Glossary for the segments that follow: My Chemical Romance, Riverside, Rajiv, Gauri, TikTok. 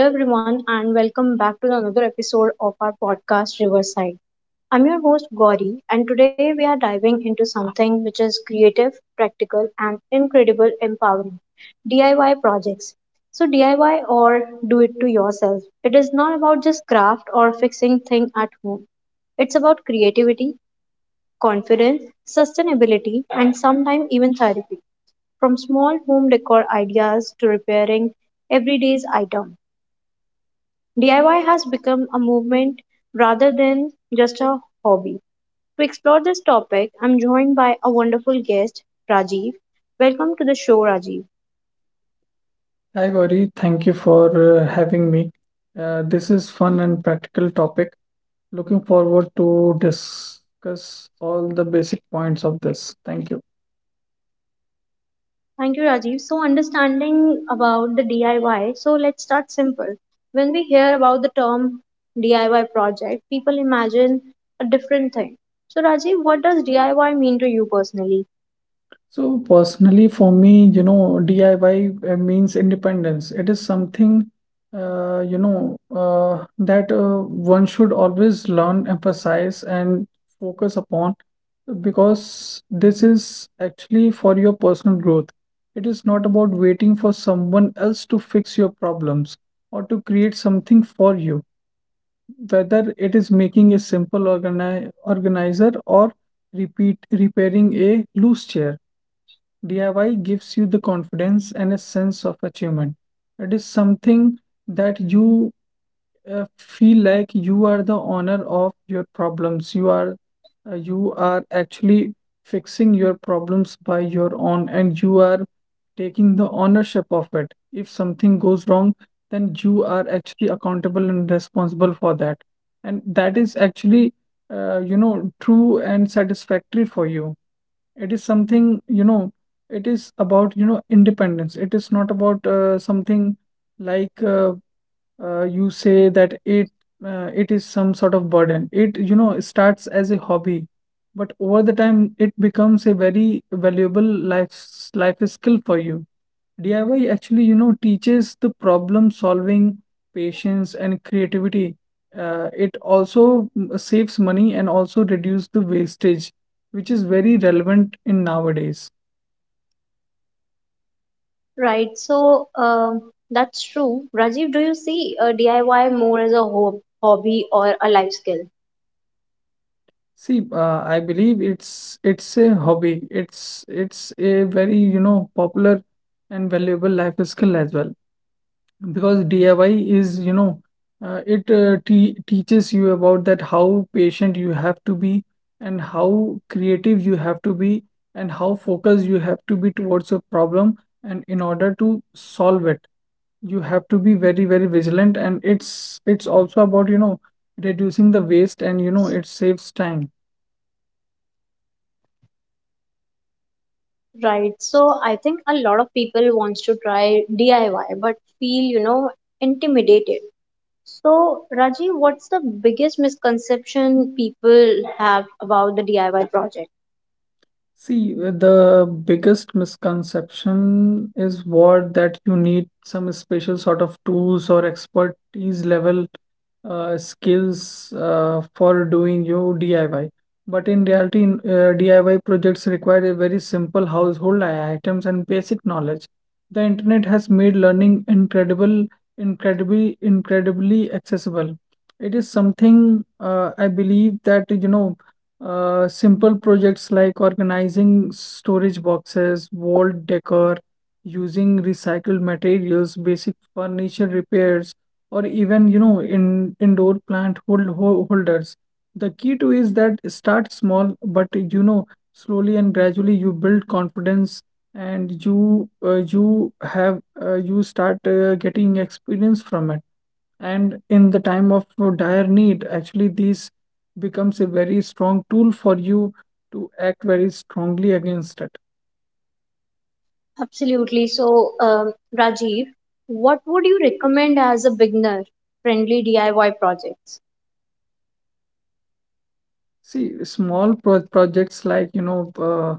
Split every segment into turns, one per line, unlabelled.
Hello, everyone, and welcome back to another episode of our podcast, Riverside. I'm your host, Gauri, and today we are diving into something which is creative, practical, and incredible empowering DIY projects. So, DIY or do it to yourself. It is not about just craft or fixing thing at home, it's about creativity, confidence, sustainability, and sometimes even therapy. From small home decor ideas to repairing everyday's items. DIY has become a movement rather than just a hobby. To explore this topic, I'm joined by a wonderful guest, Rajiv. Welcome to the show, Rajiv.
Hi Gauri, thank you for having me. This is fun and practical topic. Looking forward to discuss all the basic points of this. Thank you.
Thank you, Rajiv. So, understanding about the DIY, so let's start simple. When we hear about the term DIY project, people imagine a different thing. So, Rajiv, what does DIY mean to you personally?
So personally, for me, you know, DIY means independence. It is something, you know, that one should always learn, emphasize, and focus upon because this is actually for your personal growth. It is not about waiting for someone else to fix your problems or to create something for you, whether it is making a simple organizer or repeat repairing a loose chair. DIY gives you the confidence and a sense of achievement. It is something that you feel like you are the owner of your problems. You are actually fixing your problems by your own, and you are taking the ownership of it. If something goes wrong, then you are actually accountable and responsible for that, and that is actually you know true and satisfactory for you. It is something, you know, it is about, you know, independence. It is not about something like you say that it is some sort of burden. It you know starts as a hobby, but over the time it becomes a very valuable life skill for you. DIY actually you know teaches the problem solving, patience and creativity. It also saves money and also reduce the wastage, which is very relevant in nowadays.
Right. So that's true. Rajiv, do you see DIY more as a hobby or a life skill?
See, I believe it's a hobby. It's a very, you know, popular and valuable life skill as well. Because DIY is, you know, it te teaches you about that how patient you have to be, and how creative you have to be, and how focused you have to be towards a problem and in order to solve it. You have to be very very vigilant, and it's also about you know reducing the waste, and you know it saves time.
Right. So I think a lot of people wants to try DIY but feel, you know, intimidated. So Rajiv, what's the biggest misconception people have about the DIY project?
See, the biggest misconception is what that you need some special sort of tools or expertise level skills for doing your DIY. But in reality, in, DIY projects require a very simple household items and basic knowledge. The internet has made learning incredibly accessible. It is something I believe that you know simple projects like organizing storage boxes, wall decor, using recycled materials, basic furniture repairs, or even you know in indoor plant holders. The key to is that start small, but you know slowly and gradually you build confidence, and you you have you start getting experience from it, and in the time of dire need actually these becomes a very strong tool for you to act very strongly against it.
Absolutely. So Rajiv, what would you recommend as a beginner friendly DIY project?
See, small projects like, you know, uh,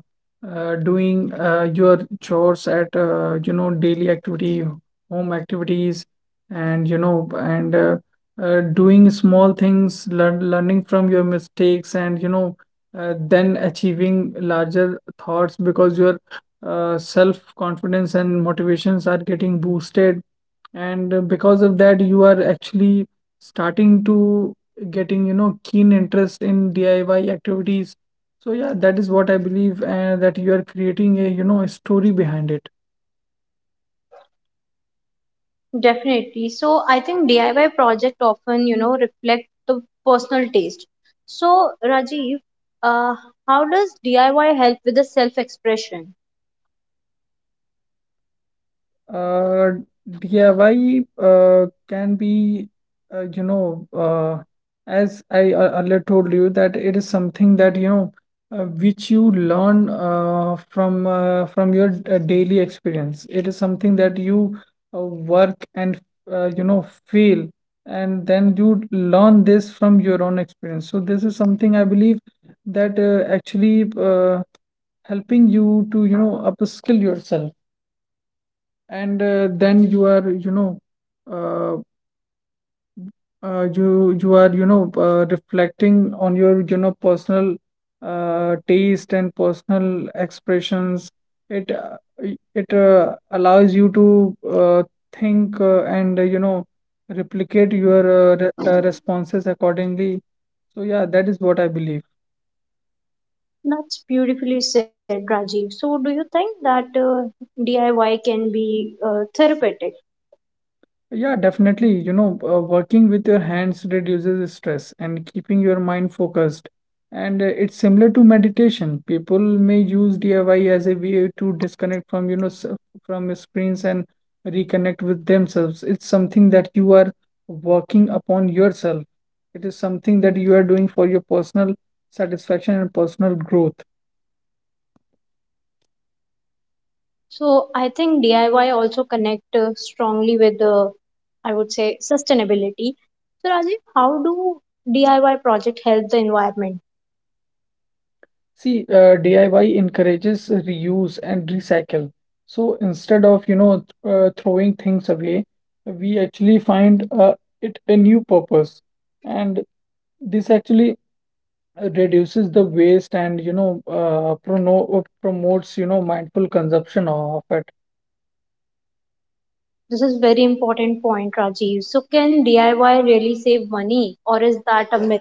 uh, doing your chores at, you know, daily activity, home activities, and, you know, and doing small things, learning from your mistakes, and, you know, then achieving larger thoughts, because your self-confidence and motivations are getting boosted, and because of that you are actually starting to getting you know keen interest in DIY activities. So yeah, that is what I believe, and that you are creating a you know a story behind it.
Definitely. So I think DIY project often, you know, reflect the personal taste. So Rajiv, uh, how does DIY help with the self-expression?
Uh, DIY can be, you know, as I earlier told you, that it is something that, you know, which you learn from from your daily experience. It is something that you work and, you know, fail, and then you learn this from your own experience. So this is something I believe that actually helping you to, you know, upskill yourself, and then you are you know uh, you are you know reflecting on your you know personal taste and personal expressions. It allows you to think and you know replicate your re responses accordingly. So yeah, that is what I believe.
That's beautifully said, Rajiv. So, do you think that DIY can be therapeutic?
Yeah, definitely. You know, working with your hands reduces stress and keeping your mind focused. And it's similar to meditation. People may use DIY as a way to disconnect from, you know, from screens and reconnect with themselves. It's something that you are working upon yourself. It is something that you are doing for your personal satisfaction and personal growth.
So I think DIY also connect strongly with the, I would say, sustainability. So, Rajiv, how do DIY project help the environment?
See, DIY encourages reuse and recycle. So instead of, you know, throwing things away, we actually find it a new purpose. And this actually reduces the waste and, you know, prono promotes, you know, mindful consumption of it.
This is very important point, Rajiv. So can DIY really save money, or is that a myth?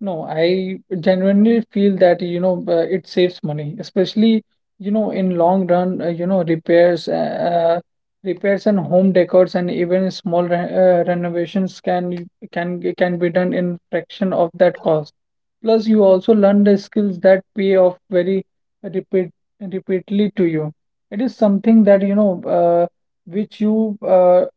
No, I genuinely feel that, you know, it saves money, especially, you know, in long run, you know, repairs and home decors and even small re renovations can be done in fraction of that cost. Plus, you also learn the skills that pay off very repeat repeatedly to you. It is something that, you know, which you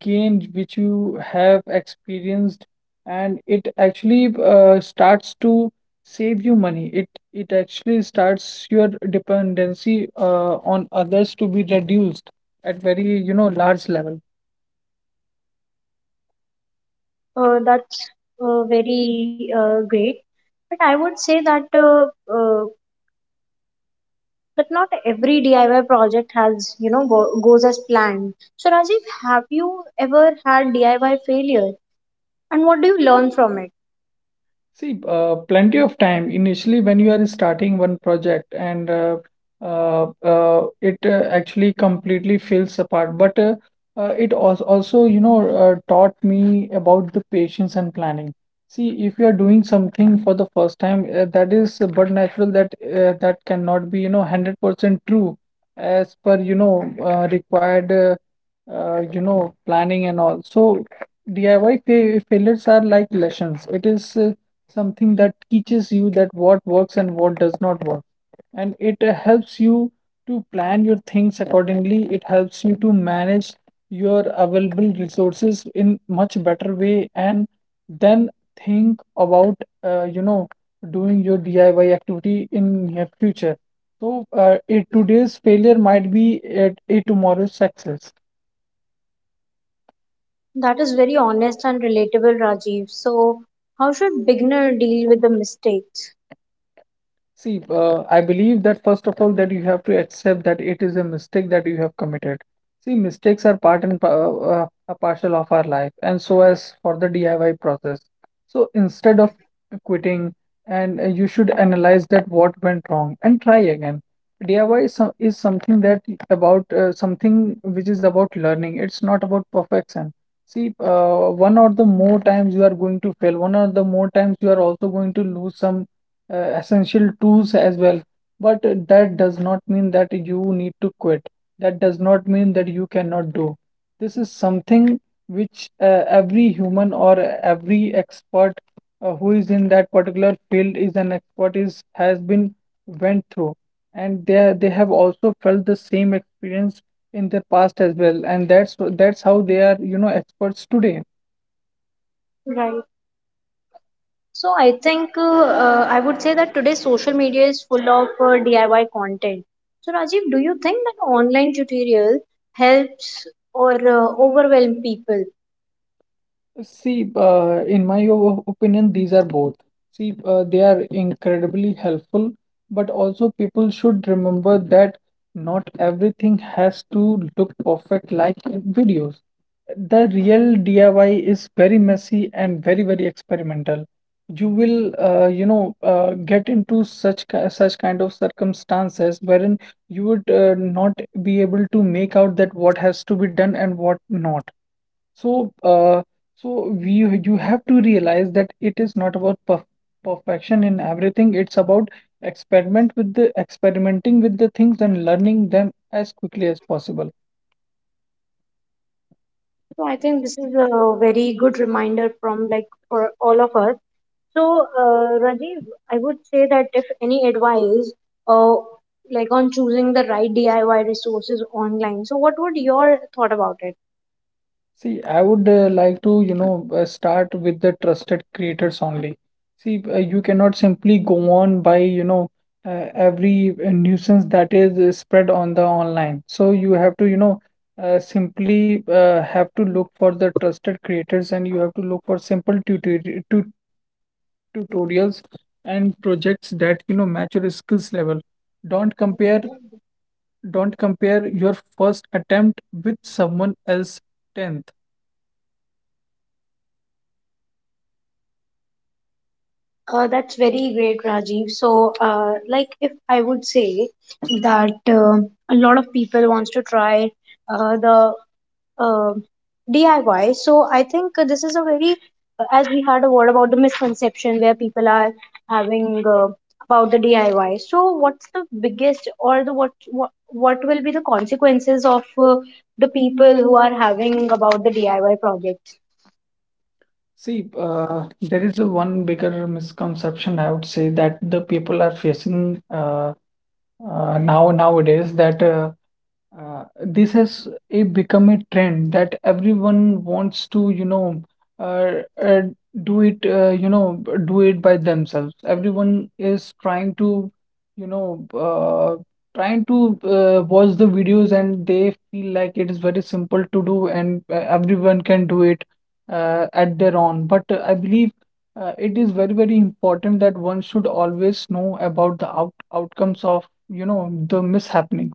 gain, which you have experienced, and it actually starts to save you money. It actually starts your dependency on others to be reduced at very you know large level.
That's very great. But I would say that uh, that not every DIY project has you know goes as planned. So Rajiv, have you ever had DIY failure, and what do you learn from it?
See, plenty of time initially when you are starting one project and it actually completely falls apart. But it also, you know, taught me about the patience and planning. See, if you are doing something for the first time, that is but natural that that cannot be, you know, 100% true as per, you know, required, you know, planning and all. So DIY fa failures are like lessons. It is something that teaches you that what works and what does not work, and it helps you to plan your things accordingly. It helps you to manage your available resources in much better way, and then think about you know doing your DIY activity in near future. So a today's failure might be a tomorrow's success.
That is very honest and relatable, Rajiv. So how should beginner deal with the mistakes?
See, I believe that first of all, that you have to accept that it is a mistake that you have committed. See, mistakes are a partial of our life, and so as for the DIY process. So instead of quitting, and you should analyze that what went wrong and try again. DIY is, is something that about something which is about learning. It's not about perfection. See, one or the more times you are going to fail, one or the more times you are also going to lose some essential tools as well. But that does not mean that you need to quit. That does not mean that you cannot do. This is something which every human or every expert who is in that particular field is an expert is has been went through, and they have also felt the same experience in their past as well, and that's how they are you know experts today.
Right. So I think I would say that today social media is full of DIY content. So Rajiv, do you think that online tutorial helps or overwhelm people?
See, in my opinion, these are both. See, they are incredibly helpful, but also people should remember that not everything has to look perfect like in videos. The real DIY is very messy and very, very experimental. You will, you know, get into such such kind of circumstances wherein you would not be able to make out that what has to be done and what not. So, so we you have to realize that it is not about perfection in everything. It's about experimenting with the things and learning them as quickly as possible.
So I think this is a very good reminder from like for all of us. So Rajiv, I would say that if any advice uh, like on choosing the right DIY resources online, so what would your thought about it?
See, I would like to, you know, start with the trusted creators only. See, you cannot simply go on by, you know, every nuisance that is spread on the online. So you have to, you know, simply have to look for the trusted creators, and you have to look for simple tutorials and projects that, you know, match your skills level. Don't compare, don't compare your first attempt with someone else 10th.
That's very great, Rajiv. So, like, if I would say that a lot of people wants to try the uh, DIY, so I think this is a very, as we had a word about the misconception where people are having about the DIY. So, what's the biggest or the what will be the consequences of uh, the people who are having about the DIY projects?
See, there is a one bigger misconception I would say that the people are facing now nowadays that this has a become a trend that everyone wants to, you know, uh, uh, do it, you know, do it by themselves. Everyone is trying to, you know, trying to watch the videos, and they feel like it is very simple to do, and everyone can do it at their own. But I believe it is very, very important that one should always know about the outcomes of, the mishappening.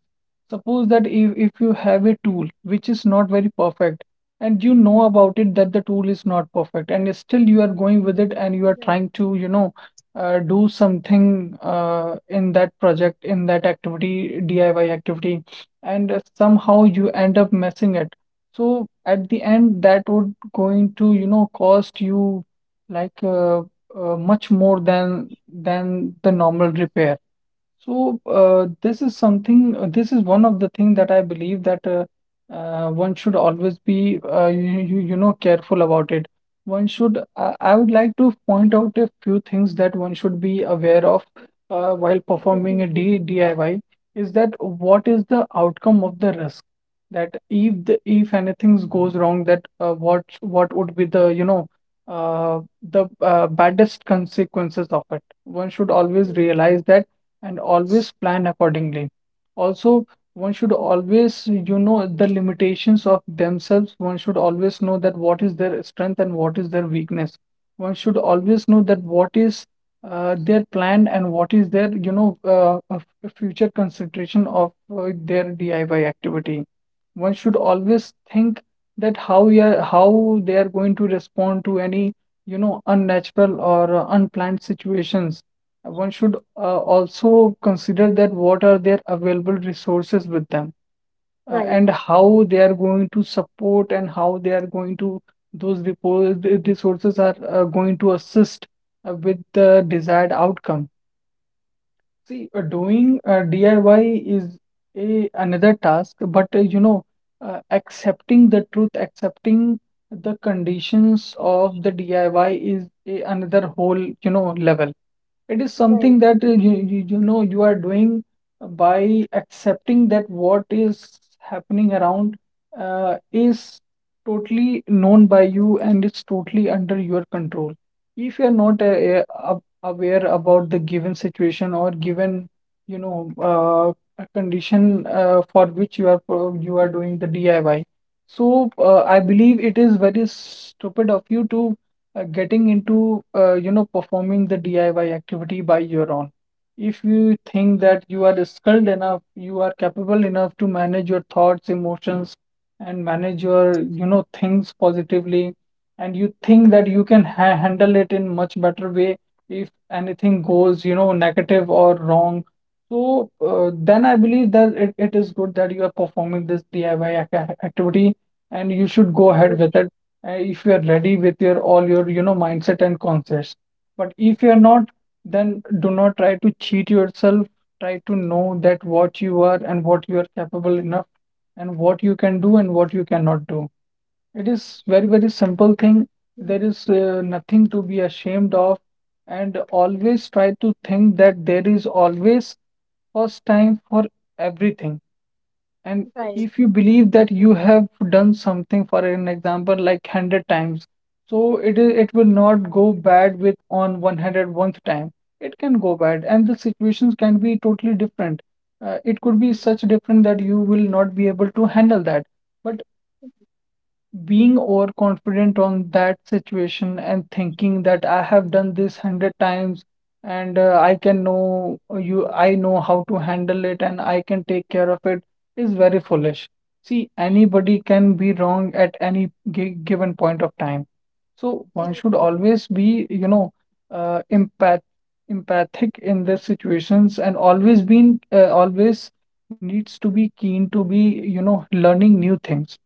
Suppose that if you have a tool which is not very perfect, and you know about it that the tool is not perfect and still you are going with it and
Right,
you are trying to, do something in that project, in that activity, DIY activity, and somehow you end up messing it. So at the end, that would going to, cost you like much more than the normal repair. So this is something. This is one of the thing that I believe that one should always be careful about it. One should. I would like to point out a few things that one should be aware of while performing a D
definitely.
DIY. Is that what is the outcome of the risk? That if anything goes wrong, that what would be the baddest consequences of it? One should always realize that and always plan accordingly. Also, one should always, you know, the limitations of themselves. One should always know that what is their strength and what is their weakness. One should always know that what is their plan and what is their, future consideration of their DIY activity. One should always think that how they are going to respond to any, unnatural or unplanned situations. One should also consider that what are their available resources with them, and
Right,
how they are going to support and how they are going to the resources are going to assist with the desired outcome. See, doing DIY is a another task, but accepting the truth, accepting the conditions of the DIY is another whole, you know, level. It is something
right.
that you are doing by accepting that what is happening around is totally known by you and it's totally under your control. If you're not uh, aware about the given situation or given, a condition for which you are you are doing the DIY, so I believe it is very stupid of you to getting into you know performing the DIY activity by your own. If you think that you are skilled enough, you are capable enough to manage your thoughts, emotions, and manage your you know things positively, and you think that you can ha handle it in much better way if anything goes you know negative or wrong. So then I believe that it is good that you are performing this DIY activity and you should go ahead with it if you are ready with your all your you know mindset and concepts, but if you are not, then do not try to cheat yourself. Try to know that what you are and what you are capable enough and what you can do and what you cannot do. It is very very simple thing. There is nothing to be ashamed of, and always try to think that there is always first time for everything. And
Right.
if you believe that you have done something, for an example, like 100 times, so it is it will not go bad with on 101st time. It can go bad, and the situations can be totally different. It could be such different that you will not be able to handle that. But being overconfident on that situation and thinking that I have done this hundred times and I can I know how to handle it and I can take care of it is very foolish. See, anybody can be wrong at any given point of time. So one should always be, you know, uh, empath empathic in the situations and always been always needs to be keen to be, you know, learning new things.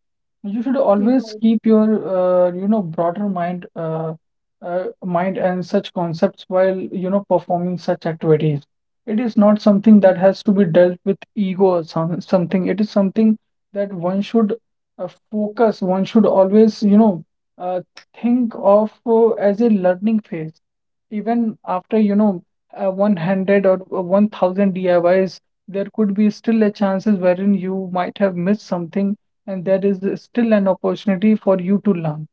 You should always
Right,
keep your, you know, broader mind, mind and such concepts while, you know, performing such activities. It is not something that has to be dealt with ego or something. It is something that one should focus. One should always, uh, think of as a learning phase. Even after, 100 or 1000 DIYs, there could be still a chances wherein you might have missed something, and there is still an opportunity for you to learn.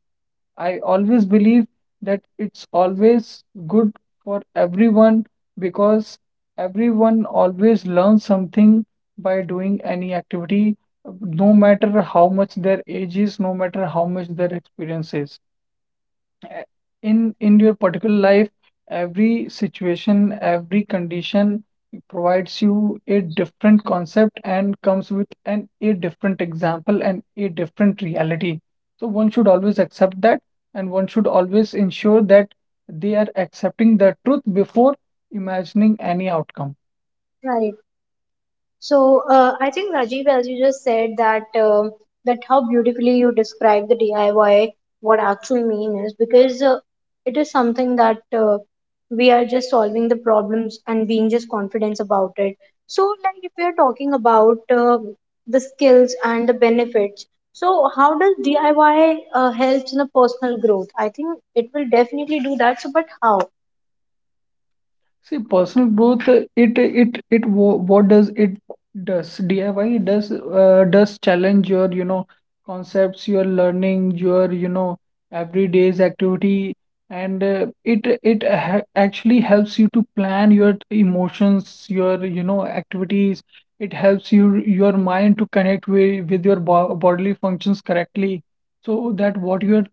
I always believe that it's always good for everyone, because everyone always learns something by doing any activity, no matter how much their age is, no matter how much their experience is uh, in your particular life. Every situation, every condition provides you a different concept and comes with an a different example and a different reality. So one should always accept that, and one should always ensure that they are accepting the truth before imagining any outcome.
right. So I think Rajiv, as you just said, that that how beautifully you describe the DIY, what actually mean is because it is something that we are just solving the problems and being just confident about it. So, like if we are talking about the skills and the benefits, so how does DIY helps in the personal growth? I think it will definitely do that. So, but how?
See, personal growth, what does it does DIY does challenge your you know concepts, your learning, your you know everyday's activity, and it it ha actually helps you to plan your emotions, your you know activities. It helps you your mind to connect with your bo bodily functions correctly, so that what you're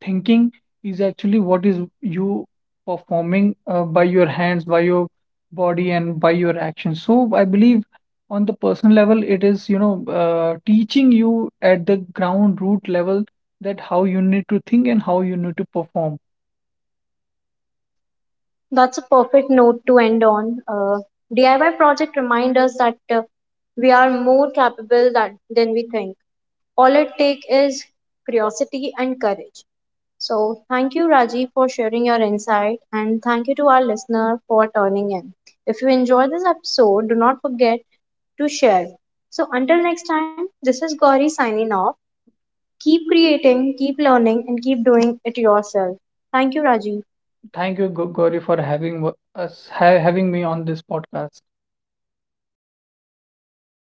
thinking is actually what is you performing by your hands, by your body, and by your actions. So I believe on the personal level, it is, teaching you at the ground root level that how you need to think and how you need to perform.
That's a perfect note to end on. DIY project remind us that we are more capable that, than we think. All it takes is curiosity and courage. So, thank you, Rajiv, for sharing your insight, and thank you to our listener for turning in. If you enjoyed this episode, do not forget to share. So, until next time, this is Gauri signing off. Keep creating, keep learning, and keep doing it yourself. Thank you, Rajiv.
Thank you, Gauri, for having wo- us, ha having me on this podcast.